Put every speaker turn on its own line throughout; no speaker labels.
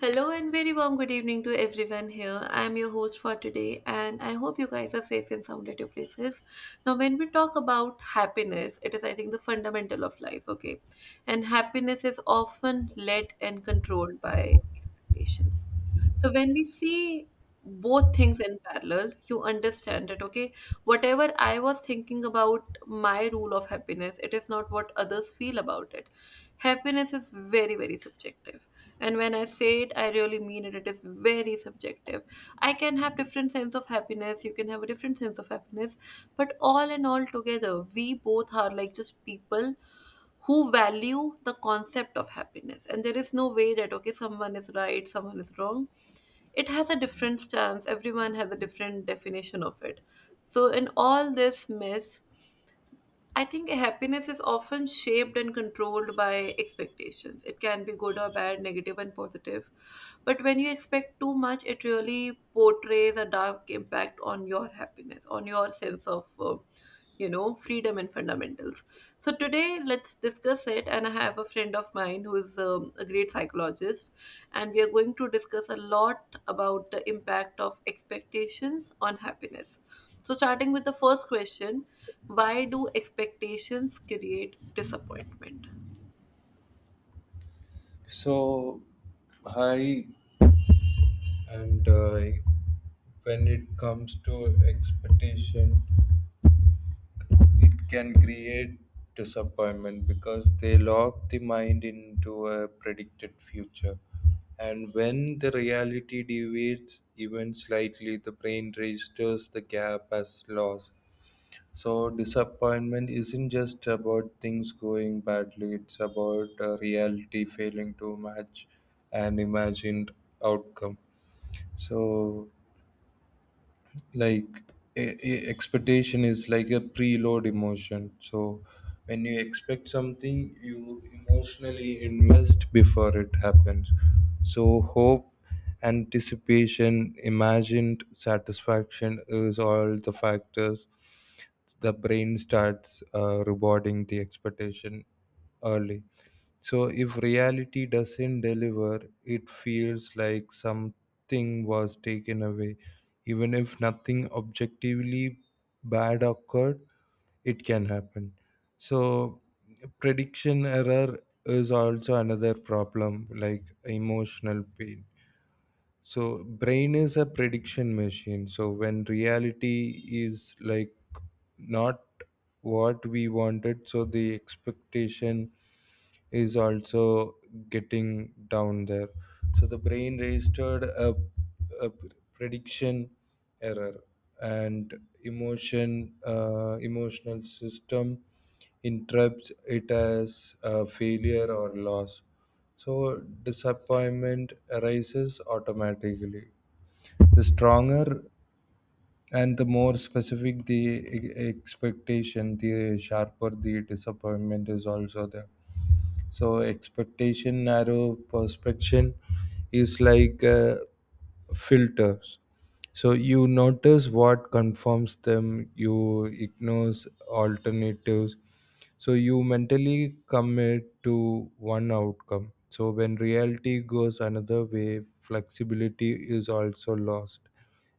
Hello and very warm good evening to everyone here. I am your host for today, and I hope you guys are safe and sound at your places. Now, when we talk about happiness, it is, I think, the fundamental of life, okay? And happiness is often led and controlled by expectations. So when we see both things in parallel, you understand it, okay? Whatever I was thinking about my rule of happiness, it is not what others feel about it. Happiness is very, very subjective. And when I say it, I really mean it. It is very subjective. I can have different sense of happiness. You can have a different sense of happiness. But all in all together, we both are like just people who value the concept of happiness, and there is no way that, okay, someone is right, someone is wrong. It has a different stance. Everyone has a different definition of it. So in all this mess, I think happiness is often shaped and controlled by expectations. It can be good or bad, negative and positive. But when you expect too much, it really portrays a dark impact on your happiness, on your sense of freedom and fundamentals. So today, let's discuss it. And I have a friend of mine who is a great psychologist, and we are going to discuss a lot about the impact of expectations on happiness. So, starting with the first question. Why do expectations create disappointment?
So, hi, and when it comes to expectation, it can create disappointment because they lock the mind into a predicted future. And when the reality deviates even slightly, the brain registers the gap as loss. So, disappointment isn't just about things going badly, it's about reality failing to match an imagined outcome. So, like a expectation is like a preload emotion. So when you expect something, you emotionally invest before it happens. So hope, anticipation, imagined satisfaction is all the factors. The brain starts rewarding the expectation early, so if reality doesn't deliver, it feels like something was taken away. Even if nothing objectively bad occurred, it can happen. So prediction error is also another problem, like emotional pain. So brain is a prediction machine. So when reality is like not what we wanted, so the expectation is also getting down there. So the brain registered a prediction error, and emotional system interrupts it as a failure or loss. So disappointment arises automatically. The stronger and the more specific the expectation, the sharper the disappointment is also there. So expectation, narrow perception is like filters. So you notice what confirms them, you ignores alternatives. So you mentally commit to one outcome. So when reality goes another way, flexibility is also lost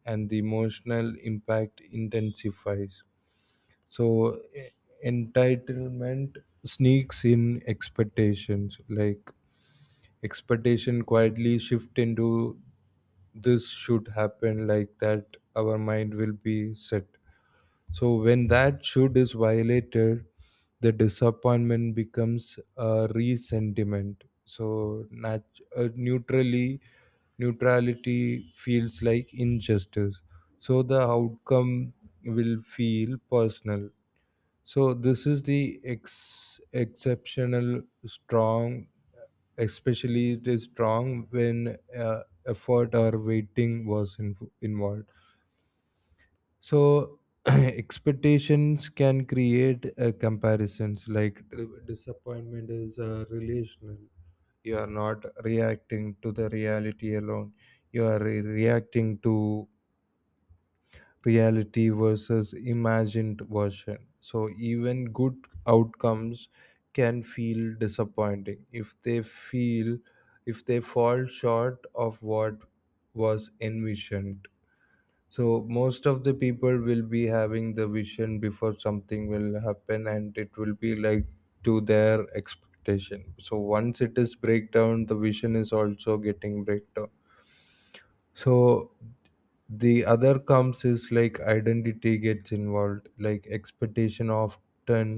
and the emotional impact intensifies. So entitlement sneaks in expectations, like expectation quietly shift into this should happen like that. Our mind will be set, so when that should is violated, the disappointment becomes a resentiment. So neutrally, neutrality feels like injustice, so the outcome will feel personal. So this is the exceptional strong, especially it is strong when effort or waiting was involved. So expectations can create comparisons, like disappointment is relational. You are not reacting to the reality alone. You are reacting to reality versus imagined version. So even good outcomes can feel disappointing if they feel if they fall short of what was envisioned. So most of the people will be having the vision before something will happen, and it will be like to their expectation. So once it is breakdown, the vision is also getting breakdown. So the other comes is like identity gets involved, like expectation often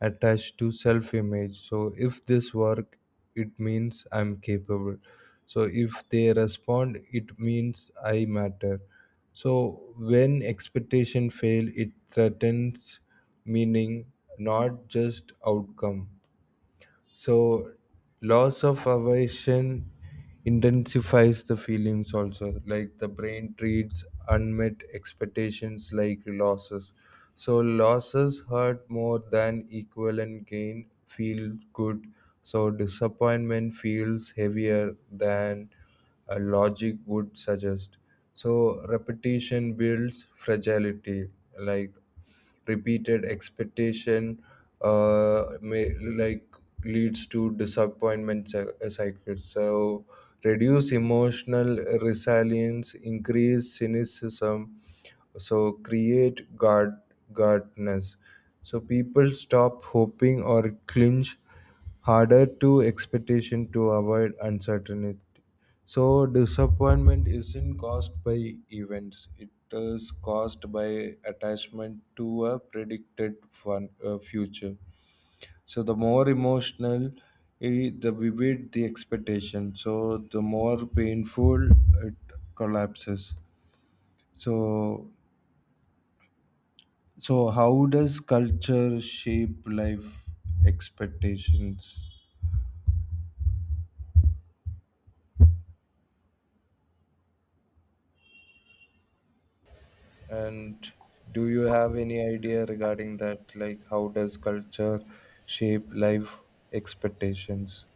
attached to self image. So if this work, it means I'm capable. So if they respond, it means I matter. So when expectation fail, it threatens meaning, not just outcome. So, loss of affection intensifies the feelings also. Like the brain treats unmet expectations like losses. So, losses hurt more than equivalent gain feel good. So, disappointment feels heavier than a logic would suggest. So, repetition builds fragility. Like repeated expectation may like leads to disappointment cycles. So reduce emotional resilience, increase cynicism, so create guard guardness. So people stop hoping or clinch harder to expectation to avoid uncertainty. So disappointment isn't caused by events. It is caused by attachment to a predicted future. So the more emotional, the vivid the expectation, so the more painful it collapses. So so how does culture shape life expectations? And do you have any idea regarding that? Like, how does culture shape life expectations?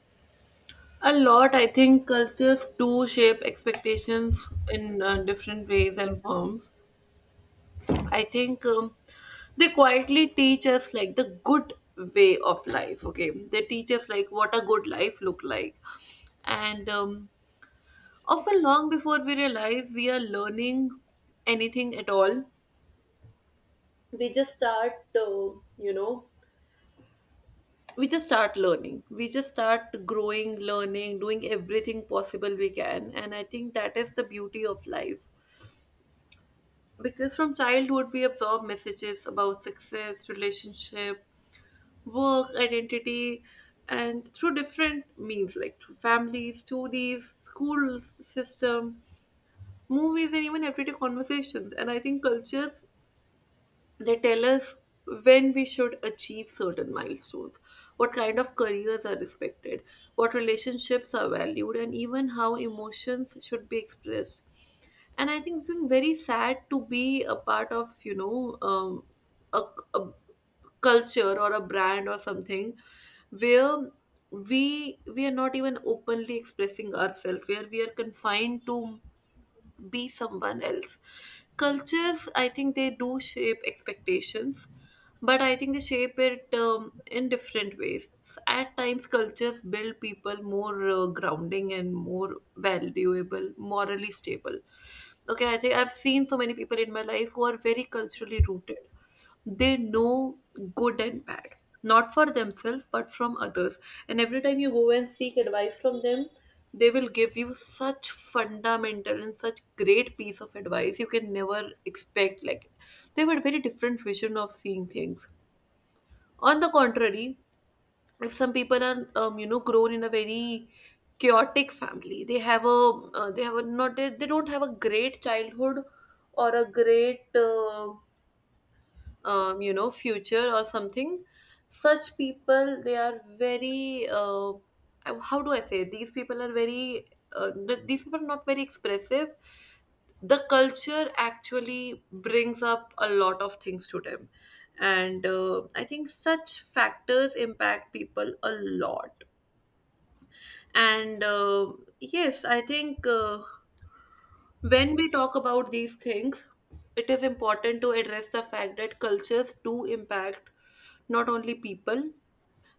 A lot, I think cultures do shape expectations in different ways and forms. I think they quietly teach us like the good way of life. Okay, they teach us like what a good life look like, and often long before we realize we are learning anything at all, we just start, uh, you know, we just start learning, we just start growing, learning, doing everything possible we can. And I think that is the beauty of life, because from childhood we absorb messages about success, relationship, work, identity, and through different means, like through family stories, school system, movies, and even everyday conversations. And I think cultures, they tell us when we should achieve certain milestones, what kind of careers are respected, what relationships are valued, and even how emotions should be expressed. And I think this is very sad to be a part of, a, a culture or a brand or something, where we are not even openly expressing ourselves, where we are confined to be someone else. Cultures, I think they do shape expectations, but I think they shape it in different ways. At times, cultures build people more grounding and more valuable, morally stable. Okay, I think I've seen so many people in my life who are very culturally rooted. They know good and bad, not for themselves but from others. And every time you go and seek advice from them, they will give you such fundamental and such great piece of advice you can never expect. Like, they have a very different vision of seeing things. On the contrary, if some people are grown in a very chaotic family, they don't have a great childhood, or a great future or something. Such people, they are very, how do I say it? These people are not very expressive. The culture actually brings up a lot of things to them. And I think such factors impact people a lot. And yes, I think, when we talk about these things, it is important to address the fact that cultures do impact not only people,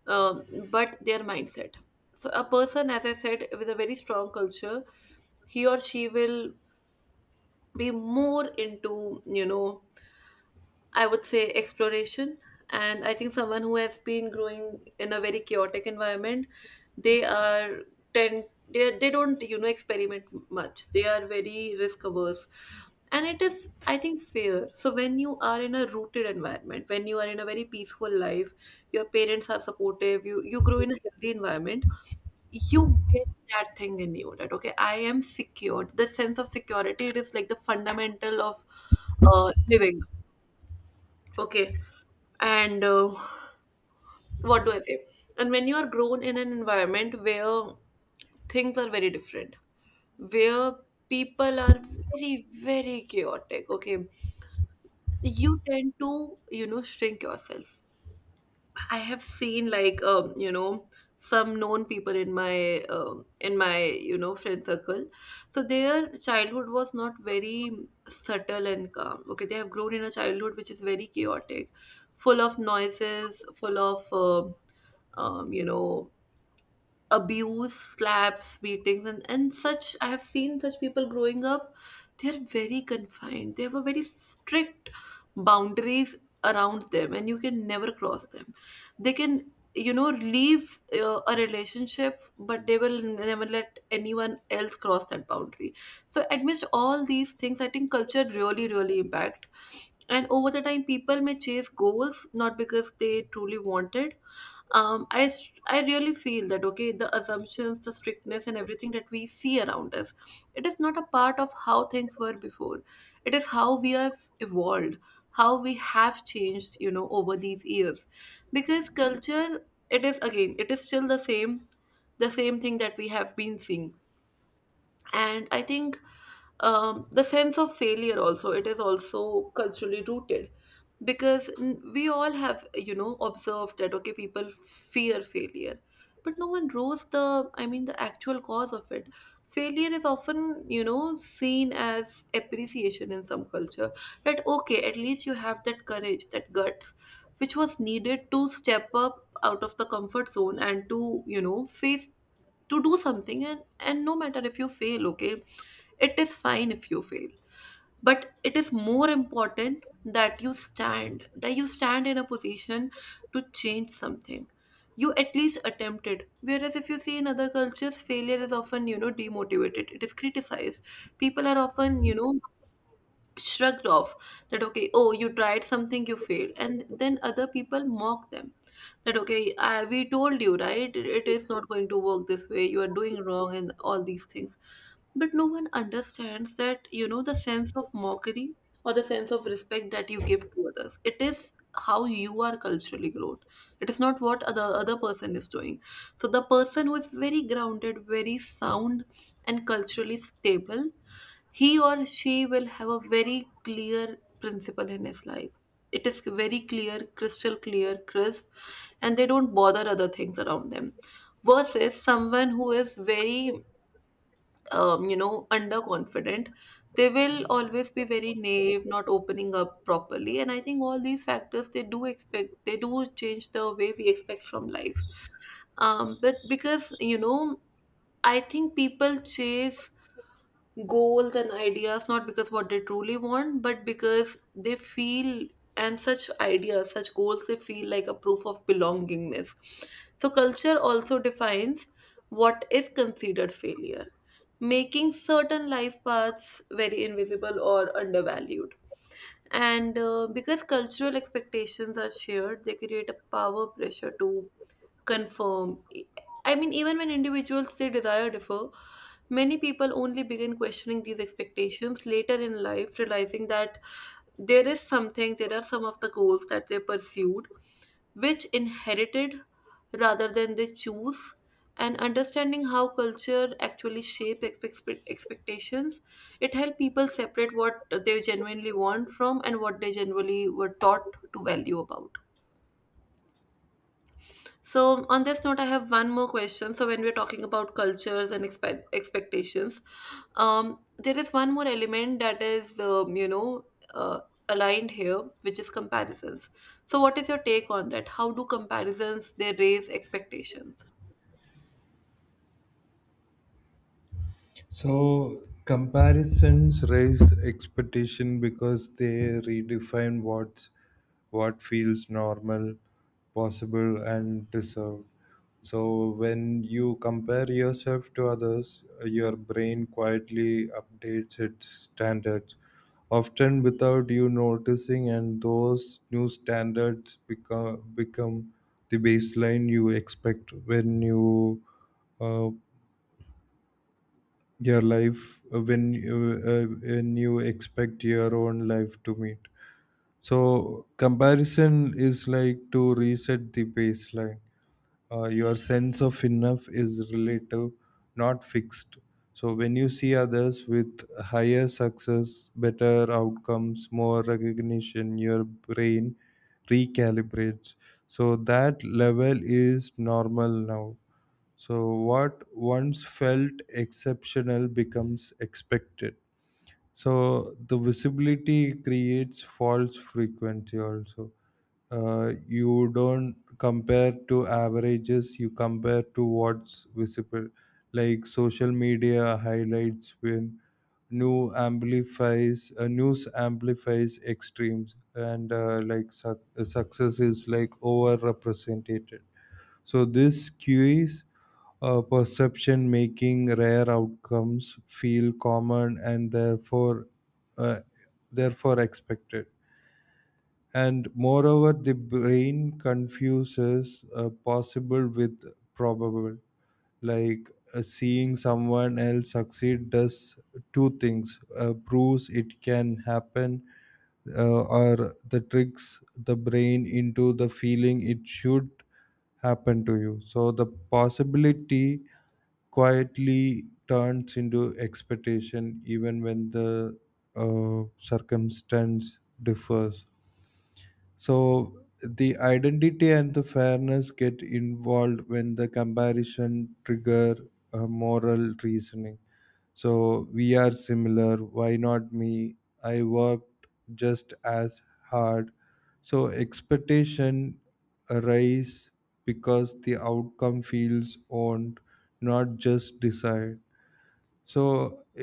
but their mindset. So, a person, as I said, with a very strong culture, he or she will be more into, I would say, exploration. And I think someone who has been growing in a very chaotic environment, they are tend they don't experiment much. They are very risk averse, and it is, I think, fair. So when you are in a rooted environment, when you are in a very peaceful life, your parents are supportive. You grow in a healthy environment. You get that thing in you that, okay, I am secured. The sense of security, it is like the fundamental of living. Okay, and what do I say, and when you are grown in an environment where things are very different, where people are very, very chaotic, okay, you tend to shrink yourself. I have seen like some known people in my in my friend circle. So their childhood was not very subtle and calm. Okay, they have grown in a childhood which is very chaotic, full of noises, full of um, you know, abuse, slaps, beatings, and such. I have seen such people growing up. They're very confined. They have a very strict boundaries around them, and you can never cross them. They can, leave a relationship, but they will never let anyone else cross that boundary. So, amidst all these things, I think culture really, really impact. And over the time, people may chase goals not because they truly wanted. I really feel that, okay, the assumptions, the strictness, and everything that we see around us, it is not a part of how things were before. It is how we have evolved, how we have changed, over these years. Because culture, it is, again, it is still the same, the same thing that we have been seeing. And I think, the sense of failure also, it is also culturally rooted. Because we all have, observed that, okay, people fear failure, but no one knows the, I mean, the actual cause of it. Failure is often, seen as appreciation in some culture, that, okay, at least you have that courage, that guts, which was needed to step up out of the comfort zone, and to face, to do something. And no matter if you fail, okay, it is fine if you fail. But it is more important that you stand, that you stand in a position to change something, you at least attempt it. Whereas if you see in other cultures, failure is often, demotivated, it is criticized. People are often, shrugged off, that, okay, oh, you tried something, you failed, and then other people mock them, that, okay, we told you, right? It is not going to work this way, you are doing wrong, and all these things. But no one understands that, the sense of mockery, or the sense of respect that you give to others, it is how you are culturally grown. It is not what other person is doing. So the person who is very grounded, very sound, and culturally stable, he or she will have a very clear principle in his life. It is very clear, crystal clear, crisp, and they don't bother other things around them. Versus someone who is very, underconfident, they will always be very naive, not opening up properly. And I think all these factors, they do expect, they do change the way we expect from life. But because, I think people chase goals and ideas not because what they truly want, but because they feel, and such ideas, such goals, they feel like a proof of belongingness. So culture also defines what is considered failure, making certain life paths very invisible or undervalued. And because cultural expectations are shared, they create a power pressure to confirm. I mean, even when individuals, they desire differ, many people only begin questioning these expectations later in life, realizing that there is something, there are some of the goals that they pursued, which inherited rather than they choose. And understanding how culture actually shapes expectations, it helps people separate what they genuinely want from and what they generally were taught to value about. So, on this note, I have one more question. So, when we're talking about cultures and expectations, there is one more element that is, uh, aligned here, which is comparisons. So, what is your take on that? How do comparisons, they raise expectations?
So comparisons raise expectation because they redefine what feels normal, possible, and deserved. So when you compare yourself to others, your brain quietly updates its standards, often without you noticing, and those new standards become the baseline you expect when you uh, your life when you expect your own life to meet. So comparison is like to reset the baseline. Uh, your sense of enough is relative, not fixed. So when you see others with higher success, better outcomes, more recognition, your brain recalibrates. So that level is normal now. So what once felt exceptional becomes expected. So the visibility creates false frequency also. Uh, you don't compare to averages, you compare to what's visible, like social media highlights. When news amplifies extremes, and like success is like over represented. So this skews perception, making rare outcomes feel common and therefore uh, therefore expected. And moreover, the brain confuses possible with probable. Like seeing someone else succeed does two things: proves it can happen, or the tricks the brain into the feeling it should happen to you. So the possibility quietly turns into expectation, even when the circumstance differs. So the identity and the fairness get involved when the comparison trigger moral reasoning. So we are similar, why not me? I worked just as hard. So expectation arise because the outcome feels owned, not just desired. So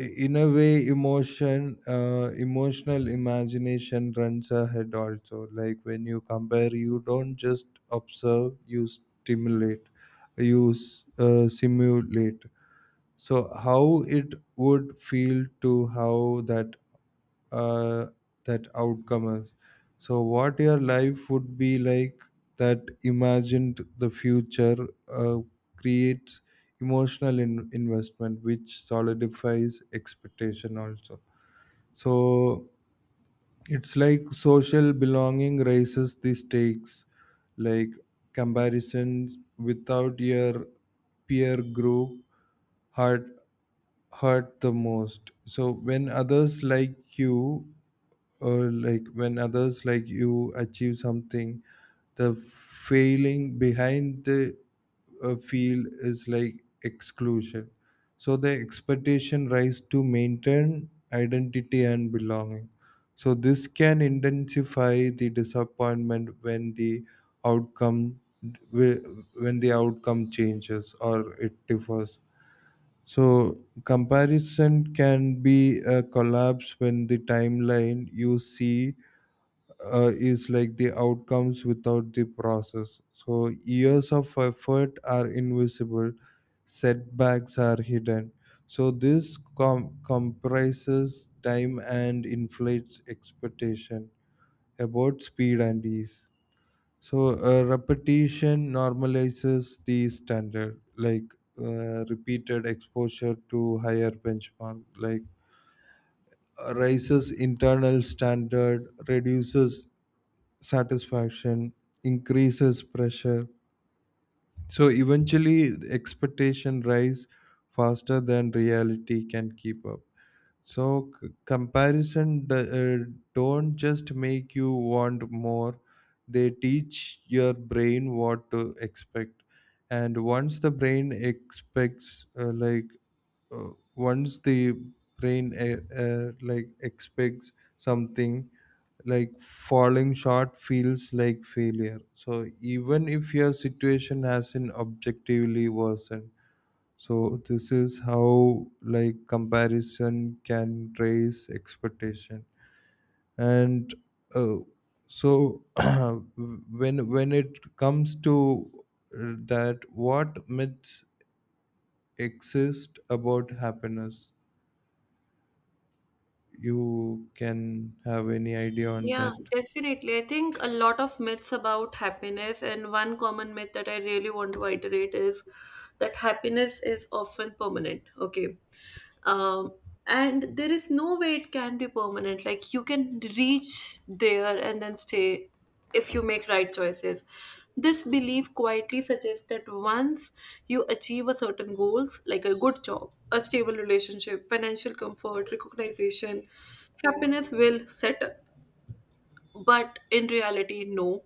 in a way, emotional imagination runs ahead also. Like when you compare, you don't just observe, you stimulate, simulate. So how it would feel to how that uh, that outcome is. So, what your life would be like, that imagined the future uh, creates emotional investment, which solidifies expectation also. So, it's like social belonging raises the stakes, like comparisons without your peer group hurt hurt the most. So when others like you or like when others like you achieve something, the failing behind the feel is like exclusion. So the expectation rise to maintain identity and belonging. So this can intensify the disappointment when the outcome outcome changes or it differs. So comparison can be a collapse when the timeline you see is like the outcomes without the process. So years of effort are invisible, setbacks are hidden. So this comprises time and inflates expectation about speed and ease. So repetition normalizes the standard, like repeated exposure to higher benchmark, like raises internal standard, reduces satisfaction, increases pressure. So eventually expectation rise faster than reality can keep up. So comparison don't just make you want more, they teach your brain what to expect. And once the brain expects like uh, once the brain like expects something, like falling short feels like failure, so even if your situation hasn't objectively worsened. So this is how like comparison can raise expectation. And uh, so when it comes to that, what myths exist about happiness, you can have any idea on
Yeah,
that?
definitely. I think a lot of myths about happiness, and one common myth that I really want to iterate is that happiness is often permanent. Okay. Um, and there is no way it can be permanent. Like, you can reach there and then stay if you make right choices. This belief quietly suggests that once you achieve a certain goals, like a good job, a stable relationship, financial comfort, recognition, happiness will settle. But in reality, no.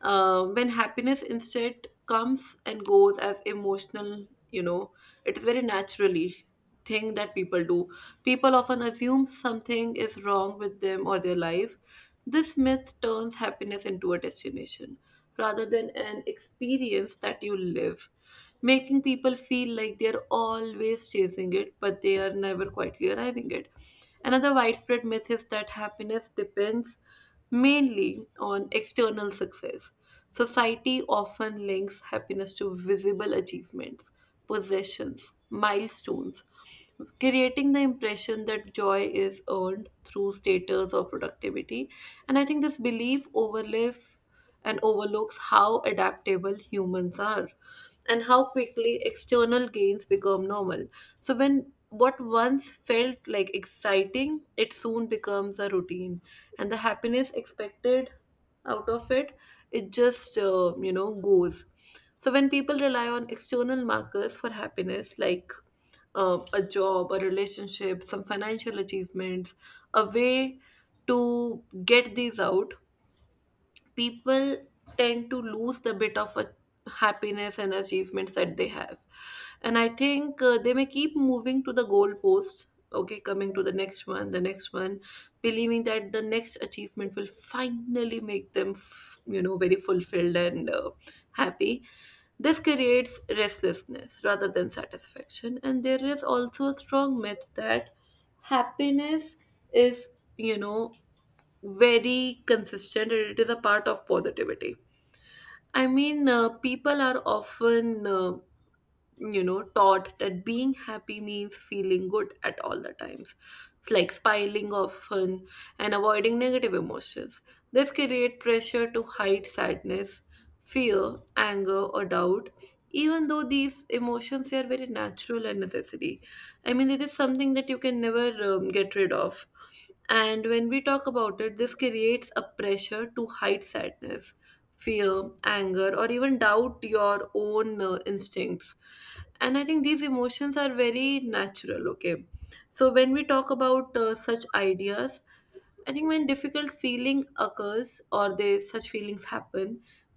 When happiness instead comes and goes as emotional, it is very naturally thing that people do. People often assume something is wrong with them or their life. This myth turns happiness into a destination rather than an experience that you live, making people feel like they're always chasing it, but they are never quietly arriving at. Another widespread myth is that happiness depends mainly on external success. Society often links happiness to visible achievements, possessions, milestones, creating the impression that joy is earned through status or productivity. And I think this belief overlive and overlooks how adaptable humans are and how quickly external gains become normal. So, when what once felt like exciting, it soon becomes a routine, and the happiness expected out of it, it just goes. So, when people rely on external markers for happiness, like a job, a relationship, some financial achievements, a way to get these out, people tend to lose the bit of a happiness and achievements that they have. And I think they may keep moving to the goalpost. Okay, coming to the next one, the next one, believing that the next achievement will finally make them very fulfilled and happy. This creates restlessness rather than satisfaction. And there is also a strong myth that happiness is, you know very consistent, and it is a part of positivity. I mean, people are often taught that being happy means feeling good at all the times. It's like smiling often and avoiding negative emotions. This create pressure to hide sadness, fear, anger or doubt, even though these emotions are very natural and necessary. I mean, it is something that you can never get rid of. And when we talk about it, this creates a pressure to hide sadness, fear, anger or even doubt your own instincts. And I think these emotions are very natural. Okay, so when we talk about such ideas, I think when difficult feeling occurs or they such feelings happen,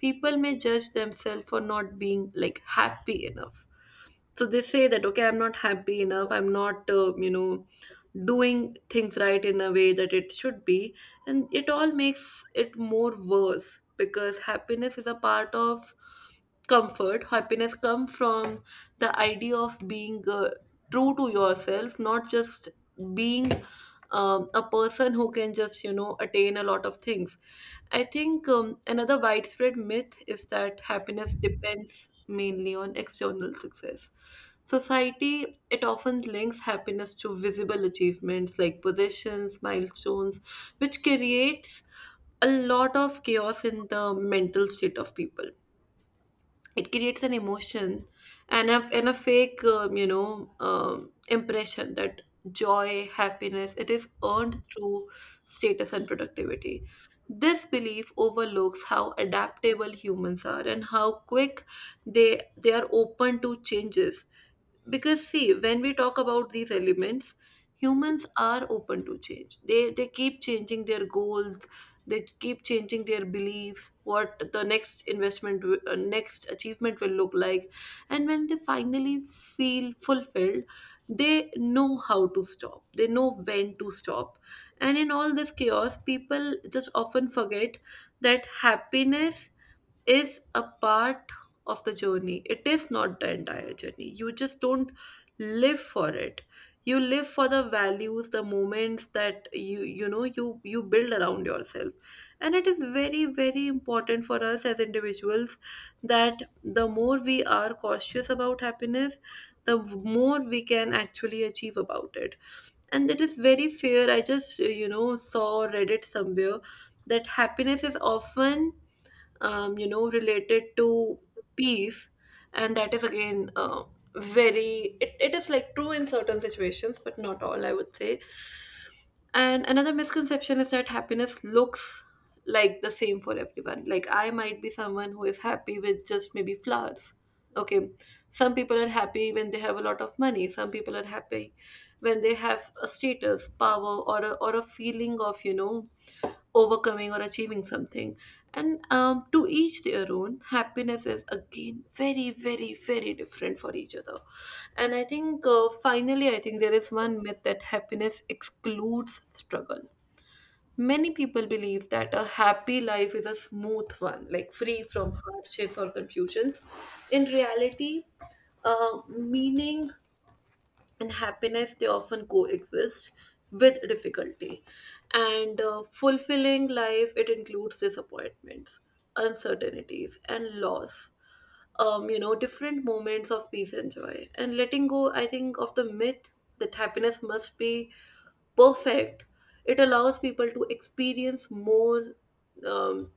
people may judge themselves for not being like happy enough. So they say that, okay, I'm not happy enough, I'm not doing things right in a way that it should be. And it all makes it more worse because happiness is a part of comfort. Happiness come from the idea of being true to yourself, not just being a person who can just, you know, attain a lot of things. I think another widespread myth is that happiness depends mainly on external success. Society, it often links happiness to visible achievements like possessions, milestones, which creates a lot of chaos in the mental state of people. It creates an emotion, and a fake, impression that joy, happiness, it is earned through status and productivity. This belief overlooks how adaptable humans are and how quick they are open to changes. Because see, when we talk about these elements, humans are open to change. They keep changing their goals, they keep changing their beliefs, what the next investment next achievement will look like. And when they finally feel fulfilled, they know how to stop, they know when to stop. And in all this chaos, people just often forget that happiness is a part of the journey. It is not the entire journey. You just don't live for it. You live for the values, the moments that you build around yourself. And it is very very important for us as individuals that the more we are cautious about happiness, the more we can actually achieve about it. And it is very fair, I just, you know, saw or read it somewhere that happiness is often related to peace. And that is again, very, it is like true in certain situations but not all, I would say. And another misconception is that happiness looks like the same for everyone. Like I might be someone who is happy with just maybe flowers. Okay. Some people are happy when they have a lot of money. Some people are happy when they have a status, power, or a feeling of, you know, overcoming or achieving something. And to each their own, happiness is again very, very, very different for each other. And I think finally, I think there is one myth that happiness excludes struggle. Many people believe that a happy life is a smooth one, like free from hardships or confusions. In reality, meaning and happiness, they often coexist with difficulty, and fulfilling life, it includes disappointments, uncertainties and loss, different moments of peace and joy. And letting go, I think, of the myth that happiness must be perfect, it allows people to experience more um,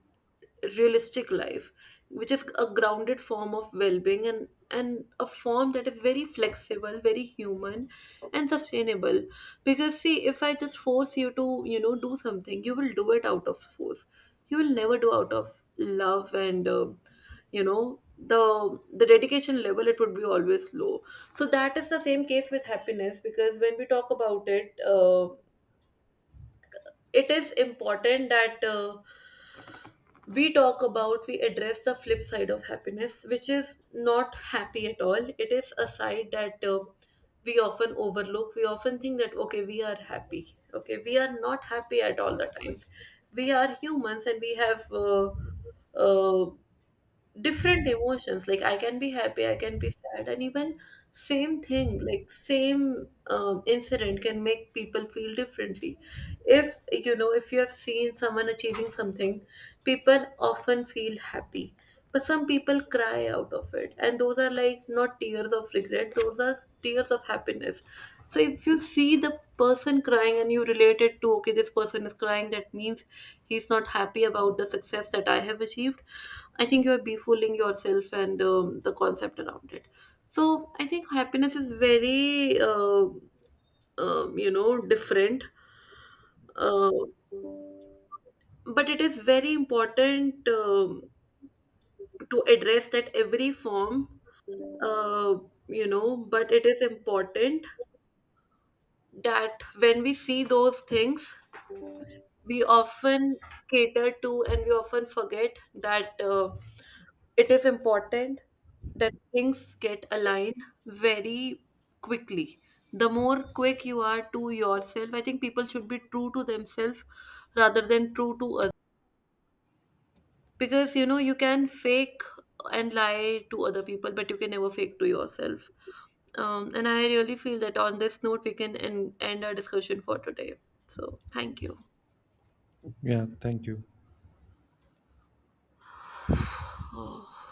realistic life, which is a grounded form of well-being, and a form that is very flexible, very human and sustainable. Because see, if I just force you to, you know, do something, you will do it out of force. You will never do out of love. And you know the the dedication level, it would be always low. So that is the same case with happiness, because when we talk about it, it is important that we talk about, we address the flip side of happiness, which is not happy at all. It is a side that we often overlook, we often think that, okay, we are happy, okay, we are not happy at all the times. We are humans and we have uh, different emotions, like I can be happy, I can be sad, and even same thing, like same incident can make people feel differently. If, you know, if you have seen someone achieving something, people often feel happy, but some people cry out of it, and those are like not tears of regret, those are tears of happiness. So if you see the person crying and you relate it to, okay, this person is crying, that means he's not happy about the success that I have achieved, I think you are befooling yourself and the concept around it. So I think happiness is very, different. uh, but it is very important to address that every form, uh, but it is important that when we see those things, we often cater to, and we often forget that it is important that things get aligned very quickly. The more quick you are to yourself, I think people should be true to themselves rather than true to, because you know, you can fake and lie to other people, but you can never fake to yourself. And I really feel that on this note, we can end our discussion for today. So thank you.
Yeah, thank you.